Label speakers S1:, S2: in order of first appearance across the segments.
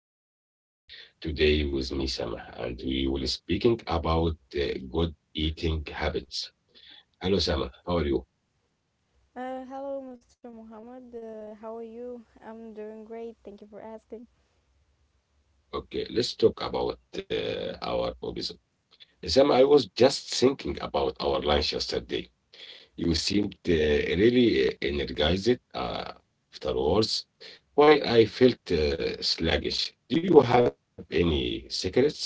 S1: conversation today with me, Sama, and we will speaking about good eating habits. Hello, Sama. How are you?
S2: Hello, Mr. Muhammad. How are you? I'm doing great. Thank you for asking.
S1: Okay, let's talk about our hobbies. Sam, I was just thinking about our lunch yesterday. You seemed really energized afterwards, while I felt sluggish. Do you have any secrets?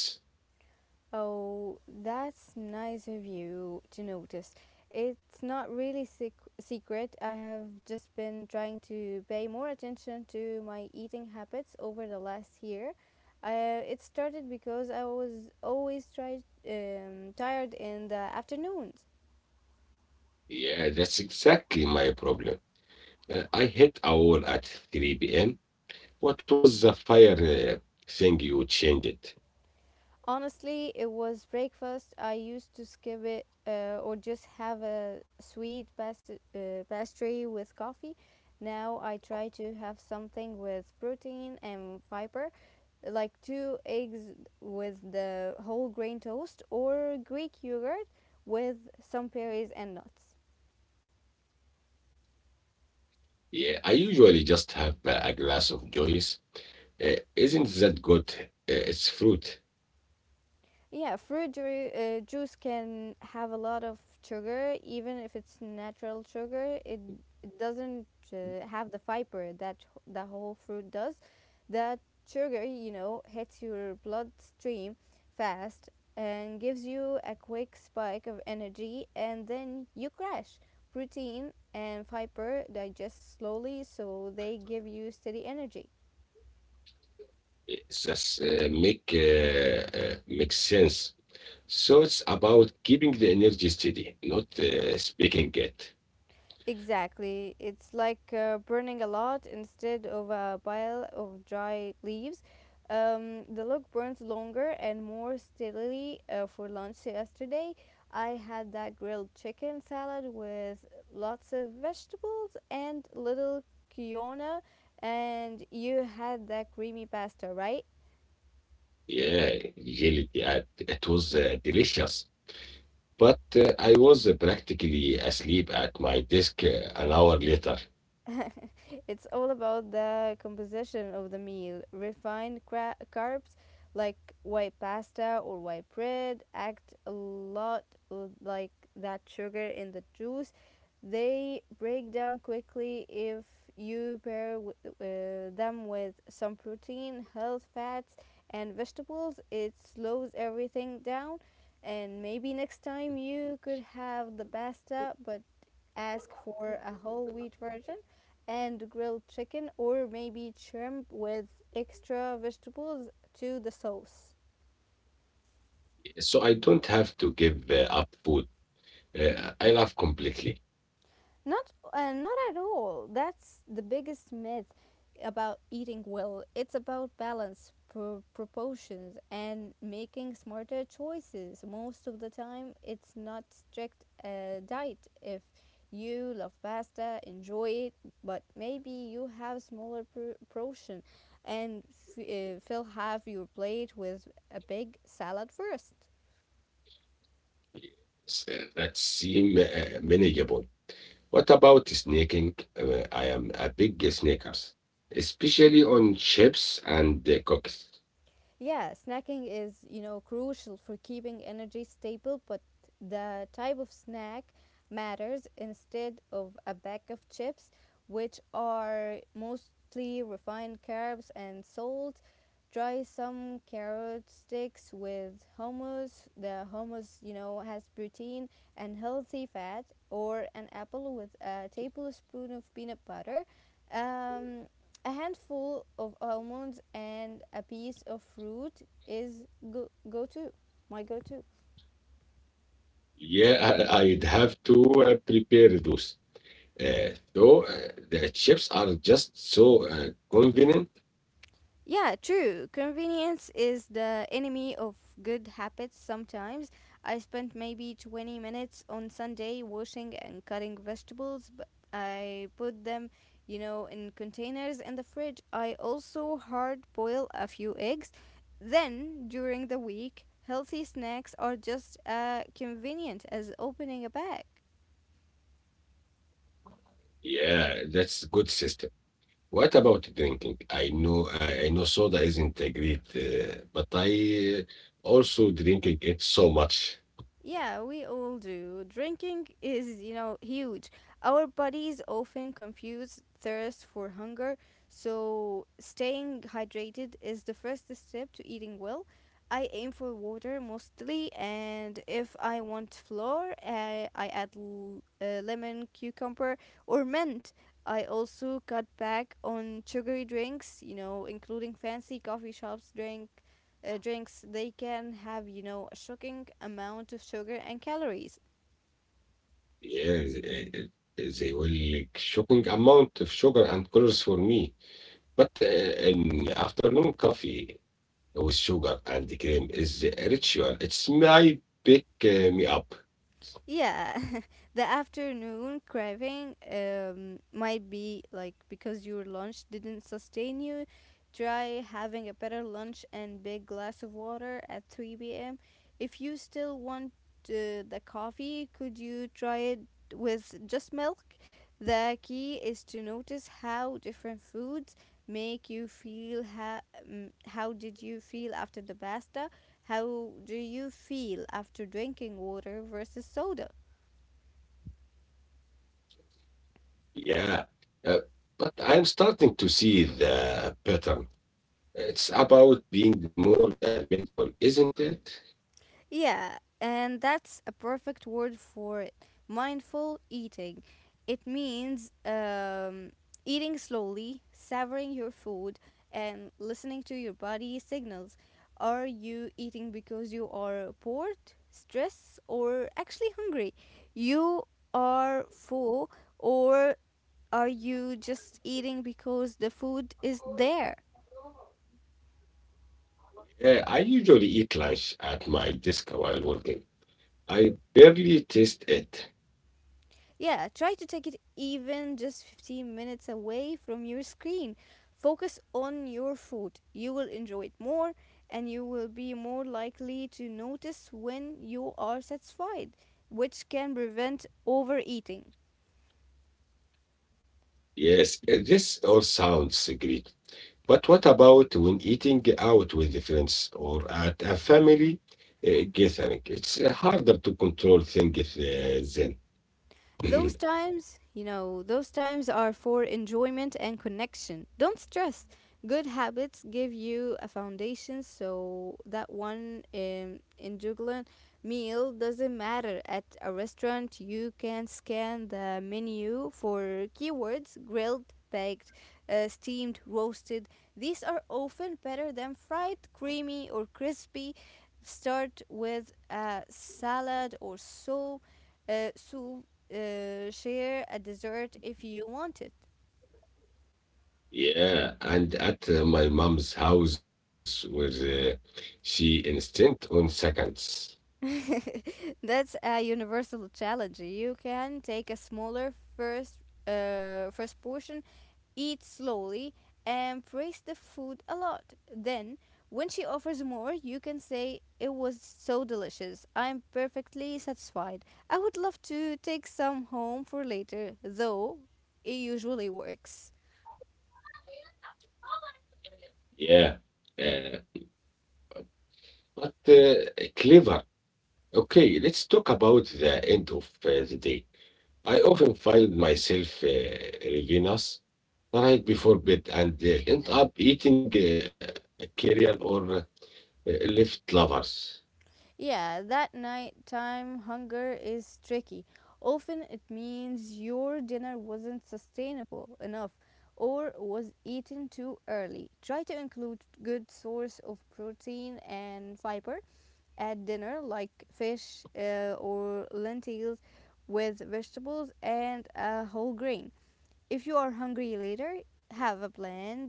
S2: Oh, that's nice of you to notice. It's not really secret. I have just been trying to pay more attention to my eating habits over the last year. It started because I was always tired in the afternoons.
S1: Yeah, that's exactly my problem. I hit a wall at 3 p.m. What was the fire thing you changed?
S2: Honestly, it was breakfast. I used to skip it or just have a sweet pastry with coffee. Now I try to have something with protein and fiber, like two eggs with the whole grain toast or Greek yogurt with some berries and nuts.
S1: Yeah, I usually just have a glass of Joyce. Isn't that good? It's fruit.
S2: Yeah, juice can have a lot of sugar, even if it's natural sugar. It doesn't have the fiber that the whole fruit does. That sugar, you know, hits your bloodstream fast and gives you a quick spike of energy, and then you crash. Protein and fiber digest slowly, so they give you steady energy.
S1: It just makes sense. So it's about keeping the energy steady, not speaking it.
S2: Exactly. It's like burning a lot instead of a pile of dry leaves. The log burns longer and more steadily. For lunch yesterday, I had that grilled chicken salad with lots of vegetables and little quinoa, and you had that creamy pasta, right?
S1: Yeah, really. It was delicious. But I was practically asleep at my desk an hour later.
S2: It's all about the composition of the meal. Refined carbs like white pasta or white bread act a lot like that sugar in the juice. They break down quickly if you pair them with some protein, health fats, and vegetables. It slows everything down. And maybe next time you could have the pasta, but ask for a whole wheat version and grilled chicken or maybe shrimp with extra vegetables to the sauce.
S1: So I don't have to give up food. I laugh completely.
S2: Not at all. That's the biggest myth about eating well. It's about balance, proportions, and making smarter choices. Most of the time, it's not strict diet. If you love pasta, enjoy it, but maybe you have smaller portion, and fill half your plate with a big salad first.
S1: That seems manageable. What about snaking? I am a big snacker, especially on chips and cookies.
S2: Yeah, snacking is, you know, crucial for keeping energy stable, but the type of snack matters instead of a bag of chips, which are mostly refined carbs and salt. Try some carrot sticks with hummus. The hummus, you know, has protein and healthy fat, or an apple with a tablespoon of peanut butter. Um, a handful of almonds and a piece of fruit is go, go to my go to.
S1: Yeah, I would have to prepare those. So the chips are just so convenient.
S2: Yeah, true. Convenience is the enemy of good habits sometimes. I spent maybe 20 minutes on Sunday washing and cutting vegetables, but I put them, you know, in containers in the fridge. I also hard boil a few eggs. Then, during the week, healthy snacks are just as convenient as opening a bag.
S1: Yeah, that's good system. What about drinking? I know, I know soda isn't a great, but I also drinking it so much.
S2: Yeah, we all do. Drinking is, you know, huge. Our bodies often confuse thirst for hunger, so staying hydrated is the first step to eating well. I aim for water mostly, and if I want flour, I add lemon, cucumber, or mint. I also cut back on sugary drinks, you know, including fancy coffee shops drinks, they can have, you know, a shocking amount of sugar and calories.
S1: Yes, they will like shocking amount of sugar and colors for me. But in afternoon coffee with sugar and the cream is a ritual. It's my pick me up.
S2: Yeah, the afternoon craving might be like because your lunch didn't sustain you. Try having a better lunch and big glass of water at 3 p.m. If you still want the coffee, could you try it with just milk? The key is to notice how different foods make you feel. How did you feel after the pasta? How do you feel after drinking water versus soda?
S1: Yeah. Uh, but I'm starting to see the pattern. It's about being more mindful, isn't it?
S2: Yeah, and that's a perfect word for it. Mindful eating. It means eating slowly, savoring your food, and listening to your body signals. Are you eating because you are bored, stressed, or actually hungry? You are full, or are you just eating because the food is there?
S1: I usually eat lunch at my desk while working. I barely taste it.
S2: Yeah, try to take it even just 15 minutes away from your screen. Focus on your food. You will enjoy it more and you will be more likely to notice when you are satisfied, which can prevent overeating.
S1: Yes, this all sounds great. But what about when eating out with the friends or at a family gathering? It's harder to control things
S2: Those
S1: then.
S2: times, you know, those times are for enjoyment and connection. Don't stress. Good habits give you a foundation so that one indulgent meal doesn't matter. At a restaurant, you can scan the menu for keywords grilled, baked, steamed, roasted. These are often better than fried, creamy, or crispy. Start with a salad or soup, share a dessert if you want it.
S1: Yeah, and at my mom's house was she instant on seconds.
S2: That's a universal challenge. You can take a smaller first portion, eat slowly, and praise the food a lot. Then, when she offers more, you can say it was so delicious. I'm perfectly satisfied. I would love to take some home for later, though it usually works.
S1: Yeah, uh, but clever. Okay, let's talk about the end of the day. I often find myself ravenous right before bed and end up eating cereal or left lovers.
S2: Yeah, that nighttime hunger is tricky. Often it means your dinner wasn't sustainable enough or was eaten too early. Try to include good source of protein and fiber at dinner like fish or lentils with vegetables and a whole grain. If you are hungry later, have a plan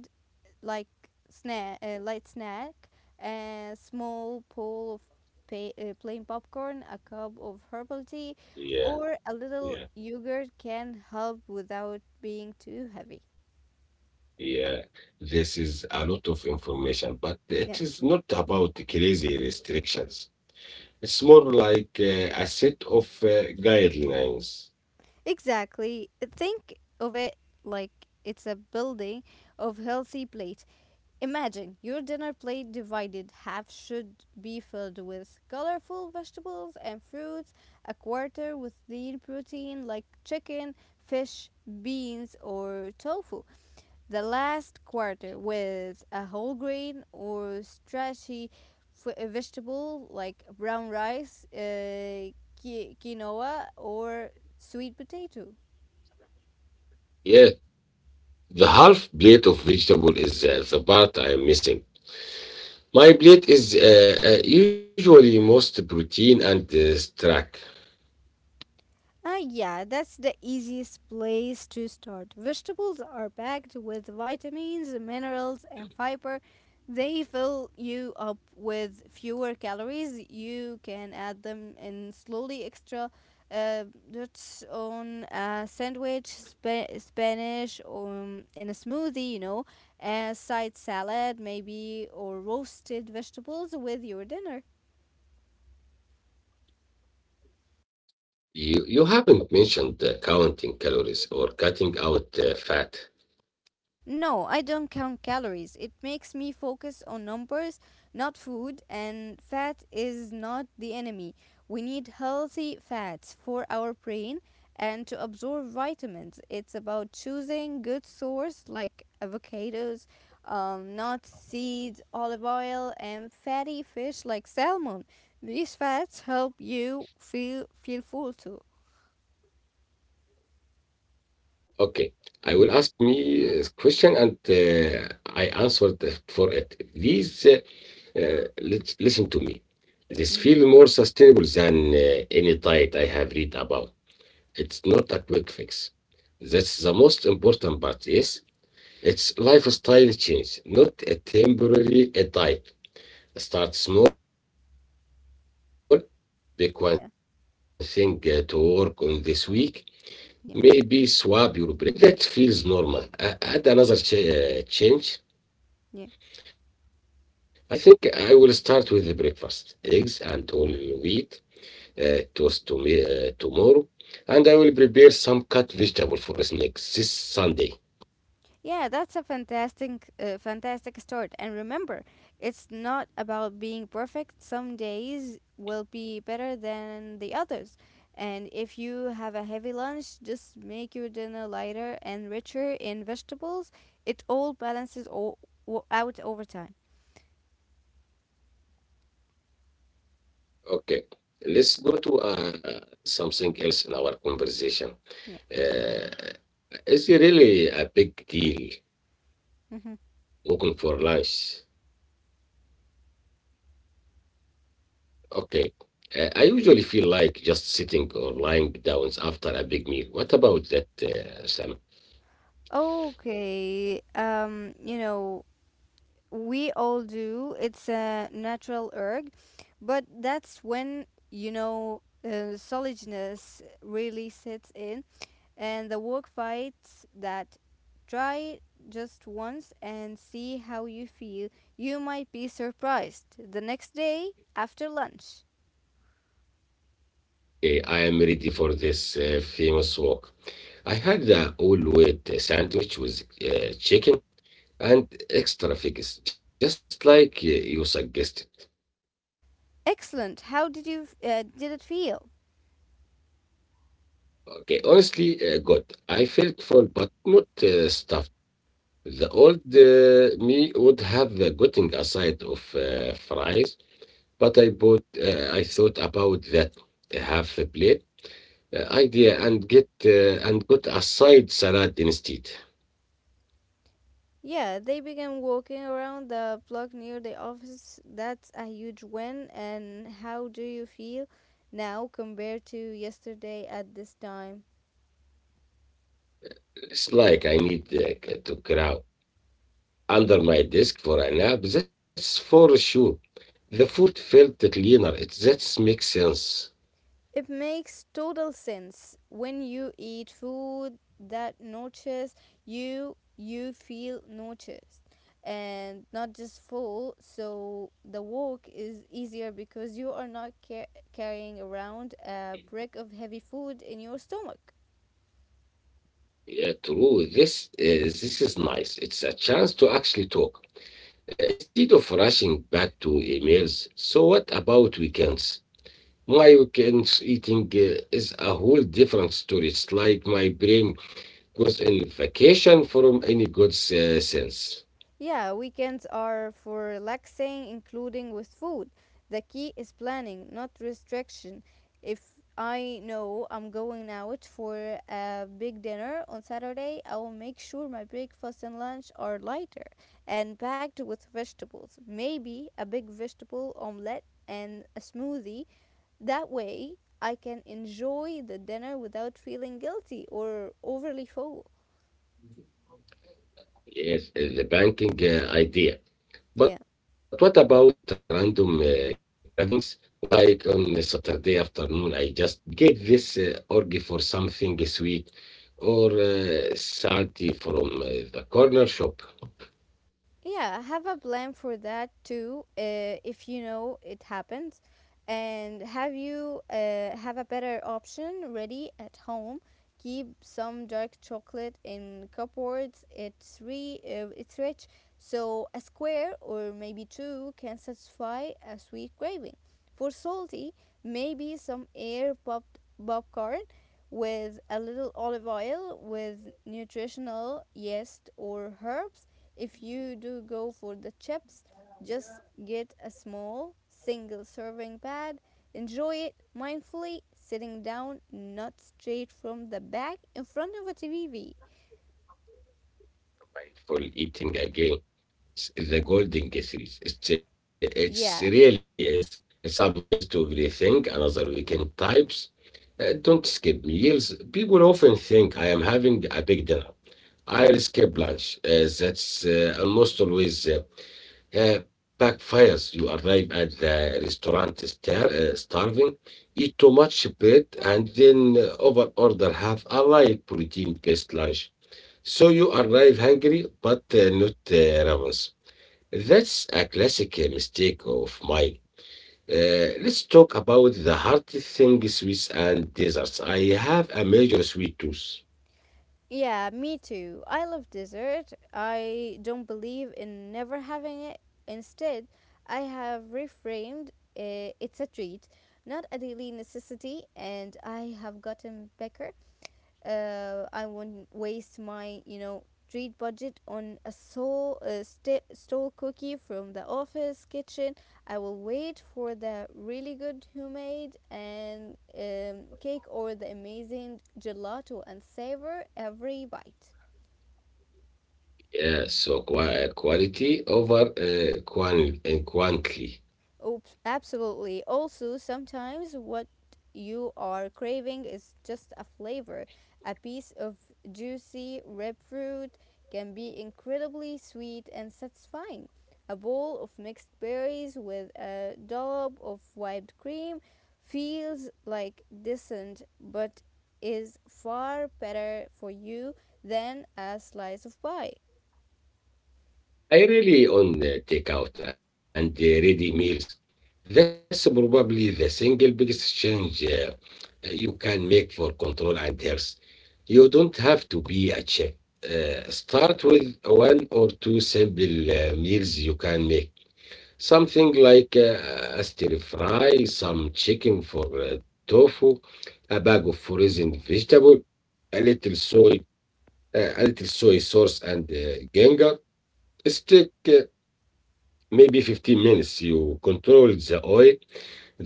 S2: like light snack, a small bowl of plain popcorn, a cup of herbal tea,
S1: Yeah,
S2: or a little
S1: yeah.
S2: yogurt can help without being too heavy.
S1: Yeah, this is a lot of information, but
S2: Yeah,
S1: it is not about crazy restrictions. It's more like a set of guidelines.
S2: exactly. Think of it like it's a building of healthy plates. Imagine your dinner plate divided. Half should be filled with colorful vegetables and fruits, a quarter with lean protein like chicken, fish, beans, or tofu. The last quarter with a whole grain or starchy vegetable like brown rice, uh, quinoa, or sweet potato.
S1: Yeah, the half plate of vegetable is the part I'm missing. My plate is usually most protein and starch.
S2: Ah, yeah, that's the easiest place to start. Vegetables are packed with vitamins, minerals, and fiber. They fill you up with fewer calories. You can add them in slowly extra. Uh, that's on a sandwich, Spanish, in a smoothie, you know, a side salad, maybe, or roasted vegetables with your dinner.
S1: You haven't mentioned counting calories or cutting out fat.
S2: No, I don't count calories. It makes me focus on numbers, not food, and fat is not the enemy. We need healthy fats for our brain and to absorb vitamins. It's about choosing good source like avocados, nut seeds, olive oil, and fatty fish like salmon. These fats help you feel full too.
S1: Okay. I will ask me a question and I answered for it. Please listen to me. This
S2: Hmm.
S1: feel more sustainable than any diet I have read about. It's not a quick fix. That's the most important part, yes? It's lifestyle change, not a temporary diet. Start small,
S2: Yeah,
S1: pick one thing to work on this week.
S2: yeah,
S1: Maybe swap your breakfast or add one vegetable to your lunch, well, that
S2: yeah.
S1: feels normal. I had another change. I think I will start with the breakfast, eggs and whole wheat toast to me, tomorrow, and I will prepare some cut vegetable for snacks
S2: Yeah,
S1: this
S2: that's a
S1: Sunday.
S2: fantastic start. And remember, it's not about being perfect. Some days will be better than the others. And if you have a heavy lunch, just make your dinner lighter and richer in vegetables. It all balances all, out over time.
S1: Okay, let's go to something else in our conversation.
S2: Yeah.
S1: Uh, is it really a big deal
S2: Mm-hmm.
S1: looking for lunch? Okay. I usually feel like just sitting or lying down after a big meal. What about that, Sam?
S2: Okay. You know, we all do. It's a natural urge, but that's when you know solidness really sets in, and the work fights that try it just once and see how you feel. You might be surprised the next day after lunch.
S1: Okay, I am ready for this famous walk. I had the all wheat sandwich with chicken and extra figs, just like you suggested.
S2: Excellent. How did you did it feel?
S1: Okay, honestly, good. I felt full, but not stuffed. The old me would have gotten a side of fries. But I thought about that half a plate idea and get and got a side salad instead.
S2: Yeah, they began walking around the block near the office. That's a huge win. And how do you feel now compared to yesterday at this time?
S1: It's like I need to crawl under my desk for a nap. That's for sure. The food felt cleaner. It that makes sense.
S2: It makes total sense. When you eat food that nourishes you, you feel nourished and not just full. So the walk is easier because you are not carrying around a brick of heavy food in your stomach.
S1: Yeah, true. This is nice. It's a chance to actually talk instead of rushing back to emails. So what about weekends? My weekends eating is a whole different story. It's like my brain goes in vacation from any good sense.
S2: Yeah, weekends are for relaxing, including with food. The key is planning, not restriction. If I know I'm going out for a big dinner on Saturday, I will make sure my breakfast and lunch are lighter and packed with vegetables. Maybe a big vegetable omelette and a smoothie. That way, I can enjoy the dinner without feeling guilty or overly full.
S1: Yes, the banking idea.
S2: Yeah.
S1: But what about random cravings? Like on a Saturday afternoon, I just get this urge for something sweet or salty from the corner shop.
S2: Yeah, have a plan for that too, if you know it happens, and have a better option ready at home. Keep some dark chocolate in cupboards. It's rich, so a square or maybe two can satisfy a sweet craving. For salty, maybe some air popped popcorn with a little olive oil with nutritional yeast or herbs if you do go for the chips, just get a small, single serving pad. Enjoy it mindfully, sitting down, not straight from the back in front of a TV.
S1: Mindful eating again.
S2: Yeah.
S1: It's the golden series. It's
S2: Yeah,
S1: really is. It applies to everything. Another weekend types. Don't skip meals. People often think I am having a big dinner. I'll skip lunch. That's almost always Uh, backfires. You arrive at the restaurant starving, eat too much bread, and then over order half a light protein-based lunch. So you arrive hungry, but not ravenous. That's a classic mistake of mine. Let's talk about the hard thing sweets and desserts. I have a major sweet tooth.
S2: yeah, me too. I love dessert. I don't believe in never having it. Instead, I have reframed it's a treat, not a daily necessity, and I have gotten better. I won't waste my you know treat budget on a soul stole cookie from the office kitchen. I will wait for the really good homemade and cake or the amazing gelato and savor every bite.
S1: Yeah, so quality over and quantity.
S2: Oh, absolutely. Also, sometimes what you are craving is just a flavor. A piece of juicy ripe fruit can be incredibly sweet and satisfying. A bowl of mixed berries with a dollop of whipped cream feels like decent but is far better for you than a slice of pie.
S1: I really on takeout and ready meals. That's probably the single biggest change you can make for control and health. You don't have to be a chef. Start with one or two simple meals you can make. Something like a stir fry, some chicken for tofu, a bag of frozen vegetable, a little soy, a little soy sauce and ginger, stick maybe 15 minutes. You control the oil,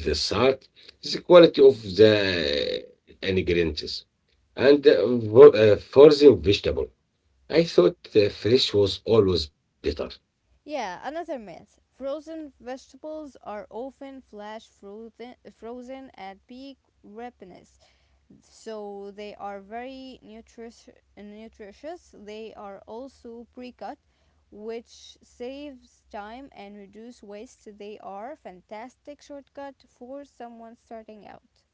S1: the salt, the quality of the ingredients, and for the vegetable. I thought fresh was always better.
S2: Yeah, another myth. Frozen vegetables are often flash frozen, frozen at peak ripeness, so they are very nutritious. They are also pre-cut, which saves time and reduce waste. They are fantastic shortcut for someone starting out.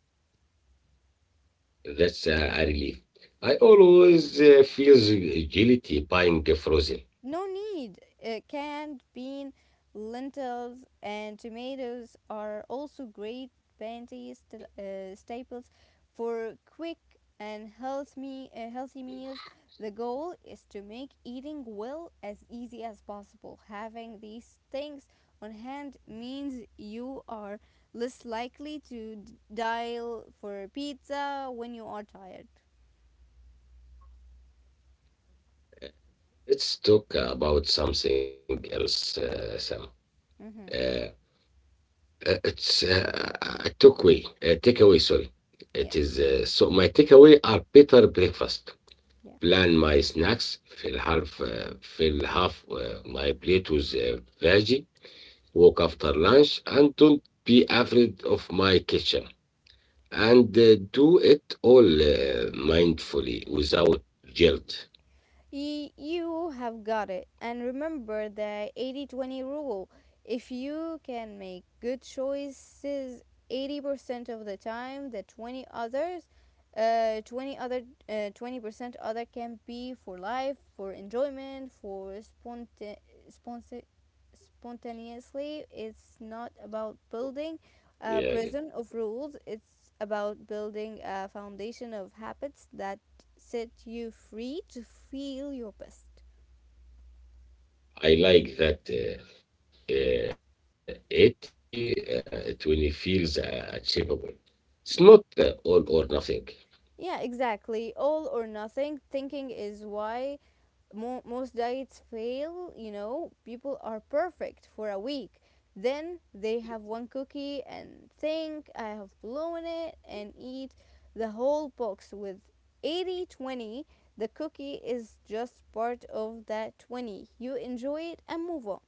S1: That's a relief. I always feel the guilty buying frozen.
S2: No need. Canned bean, lentils, and tomatoes are also great staples for quick and healthy meals. The goal is to make eating well as easy as possible. Having these things on hand means you are less likely to dial for pizza when you are tired.
S1: Let's talk about something else, Sam.
S2: Mm-hmm.
S1: Uh, it's a takeaway. Takeaway, sorry. It is
S2: Yeah,
S1: so my takeaway are better breakfast,
S2: yeah.
S1: plan my snacks, fill half my plate with veggie, walk after lunch, and don't be afraid of my kitchen. And do it all mindfully without guilt.
S2: You have got it. And remember the 80-20 rule. If you can make good choices 80% of the time, the 20 others, 20 other, 20% other can be for life, for enjoyment, for sponsa- spontaneously. It's not about building a
S1: Yeah, yeah.
S2: prison of rules. It's about building a foundation of habits that set you free to feel your best.
S1: I like that 80 20 feels achievable. It's not all
S2: Yeah.
S1: or nothing.
S2: Yeah, exactly. All or nothing thinking is why most diets fail. You know, people are perfect for a week. Then they have one cookie and think, I have blown it, and eat the whole box. With 80-20, the cookie is just part of that 20. You enjoy it and move on.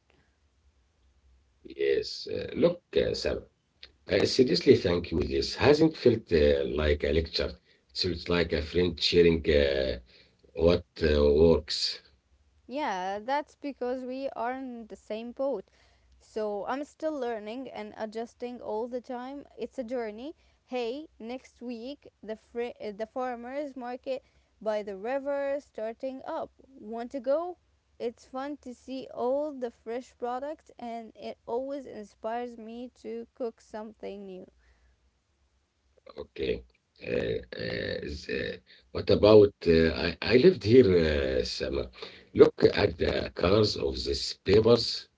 S1: Yes. Look, Sam, seriously, thank you. This hasn't felt like a lecture. So it's like a friend sharing what works.
S2: Yeah, that's because we are in the same boat. So I'm still learning and adjusting all the time. It's a journey. Hey, next week the the farmers market by the river starting up. Want to go? It's fun to see all the fresh products and it always inspires me to cook something new.
S1: Okay. Uh, uh, is, uh, what about I lived here, Sam. Look at the colors of these papers.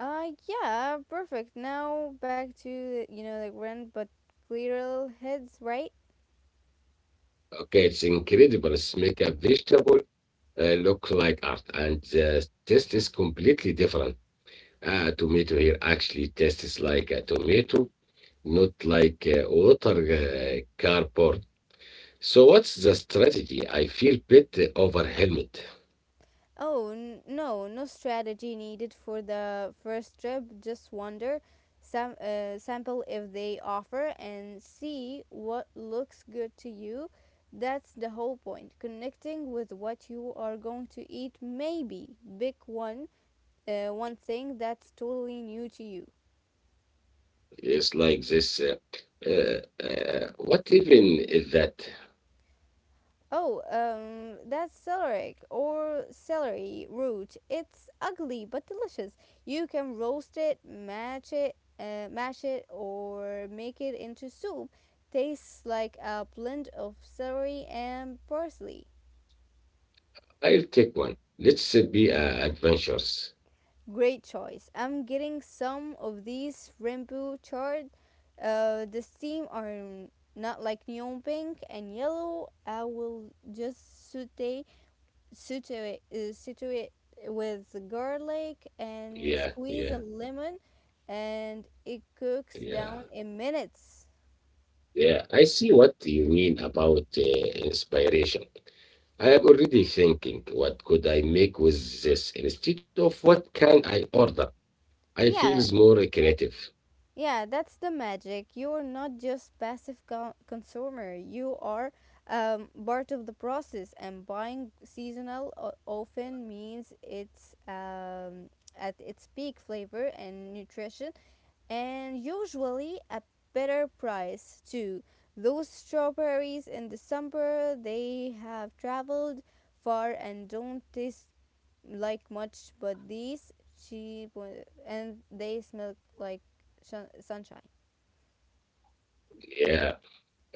S2: Uh, yeah, perfect. Now back to, you know, the grand but clear heads, right?
S1: Okay, it's incredible. It's make a vegetable look like art, and the taste is completely different. Tomato here actually tastes like a tomato, not like water cardboard. So what's the strategy? I feel bit overwhelmed.
S2: Oh, no, no strategy needed for the first trip. Just wonder, sample if they offer, and see what looks good to you. That's the whole point. Connecting with what you are going to eat, maybe. Pick one thing that's totally new to you.
S1: It's like this. What even is that?
S2: Oh, that's celery or celery root. It's ugly but delicious. You can roast it, match it, mash it, or make it into soup. Tastes like a blend of celery and parsley.
S1: I'll take one. Let's be adventurous.
S2: Great choice. I'm getting some of these rainbow chard. The steam are not like neon pink and yellow. I will just saute situate situate with garlic and
S1: Yeah, yeah,
S2: squeeze a lemon and it cooks
S1: yeah.
S2: down in minutes.
S1: Yeah, I see what you mean about inspiration. I am already thinking, what could I make with this instead of what can I order? I feels
S2: Yeah,
S1: more creative.
S2: yeah, that's the magic. You're not just passive consumer, you are part of the process, and buying seasonal often means it's at its peak flavor and nutrition, and usually a better price too. Those strawberries in December, they have traveled far and don't taste like much, but these cheap one, and they smell like sunshine.
S1: Yeah,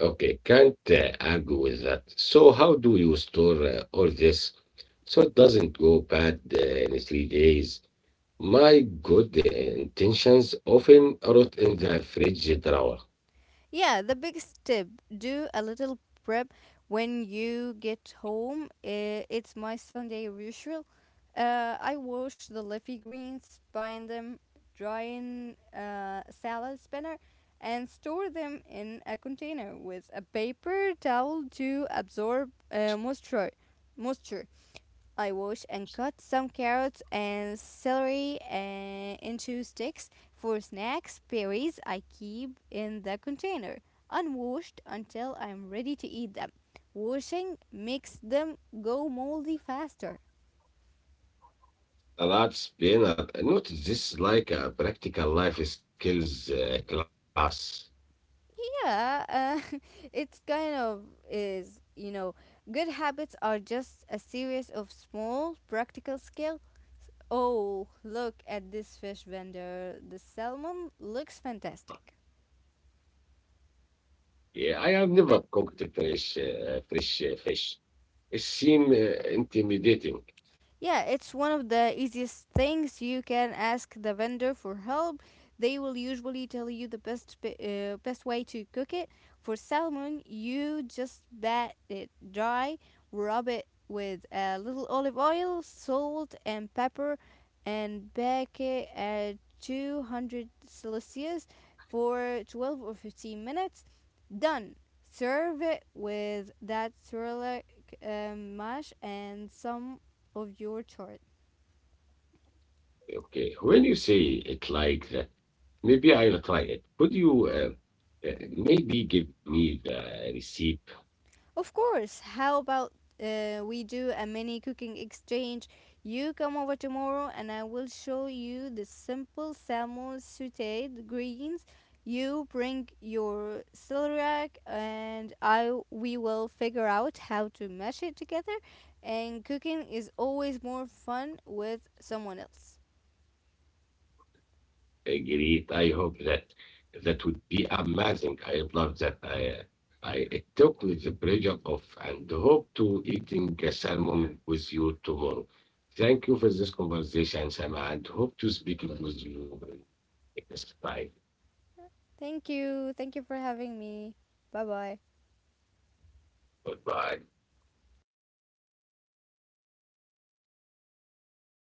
S1: okay, can't argue with that. So how do you store all this so it doesn't go bad in 3 days? My good intentions often rot in the fridge drawer.
S2: Yeah, the biggest tip, do a little prep when you get home. It's my Sunday ritual. I wash the leafy greens, bind them, dry in a salad spinner, and store them in a container with a paper towel to absorb moisture. I wash and cut some carrots and celery into sticks for snacks. Berries I keep in the container, unwashed until I'm ready to eat them. Washing makes them go moldy faster.
S1: Allowed Spinner. Not this like a practical life skills class.
S2: Yeah, it's kind of is, you know, good habits are just a series of small practical skill. Oh, look at this fish vendor. The salmon looks fantastic.
S1: Yeah, I have never cooked fresh fish. It seems intimidating.
S2: Yeah, it's one of the easiest things. You can ask the vendor for help. They will usually tell you the best way to cook it. For salmon, you just bat it dry, rub it with a little olive oil, salt, and pepper, and bake it at 200 Celsius for 12 or 15 minutes. Done. Serve it with that Sherlock mash and some of your chart.
S1: Okay, when you say it like that, maybe I'll try it. Could you maybe give me the recipe,
S2: Of course. How about we do a mini cooking exchange? You come over tomorrow and I will show you the simple salmon sauteed greens. You bring your celery rack and I we will figure out how to mash it together, and cooking is always more fun with someone else.
S1: great. I hope that that would be amazing. I love that. I took the pleasure off, and hope to eating a salmon with you tomorrow. Thank you for this conversation, Sam, and hope to speak with you next time.
S2: Thank you. Thank you for having me. Bye bye.
S1: Goodbye.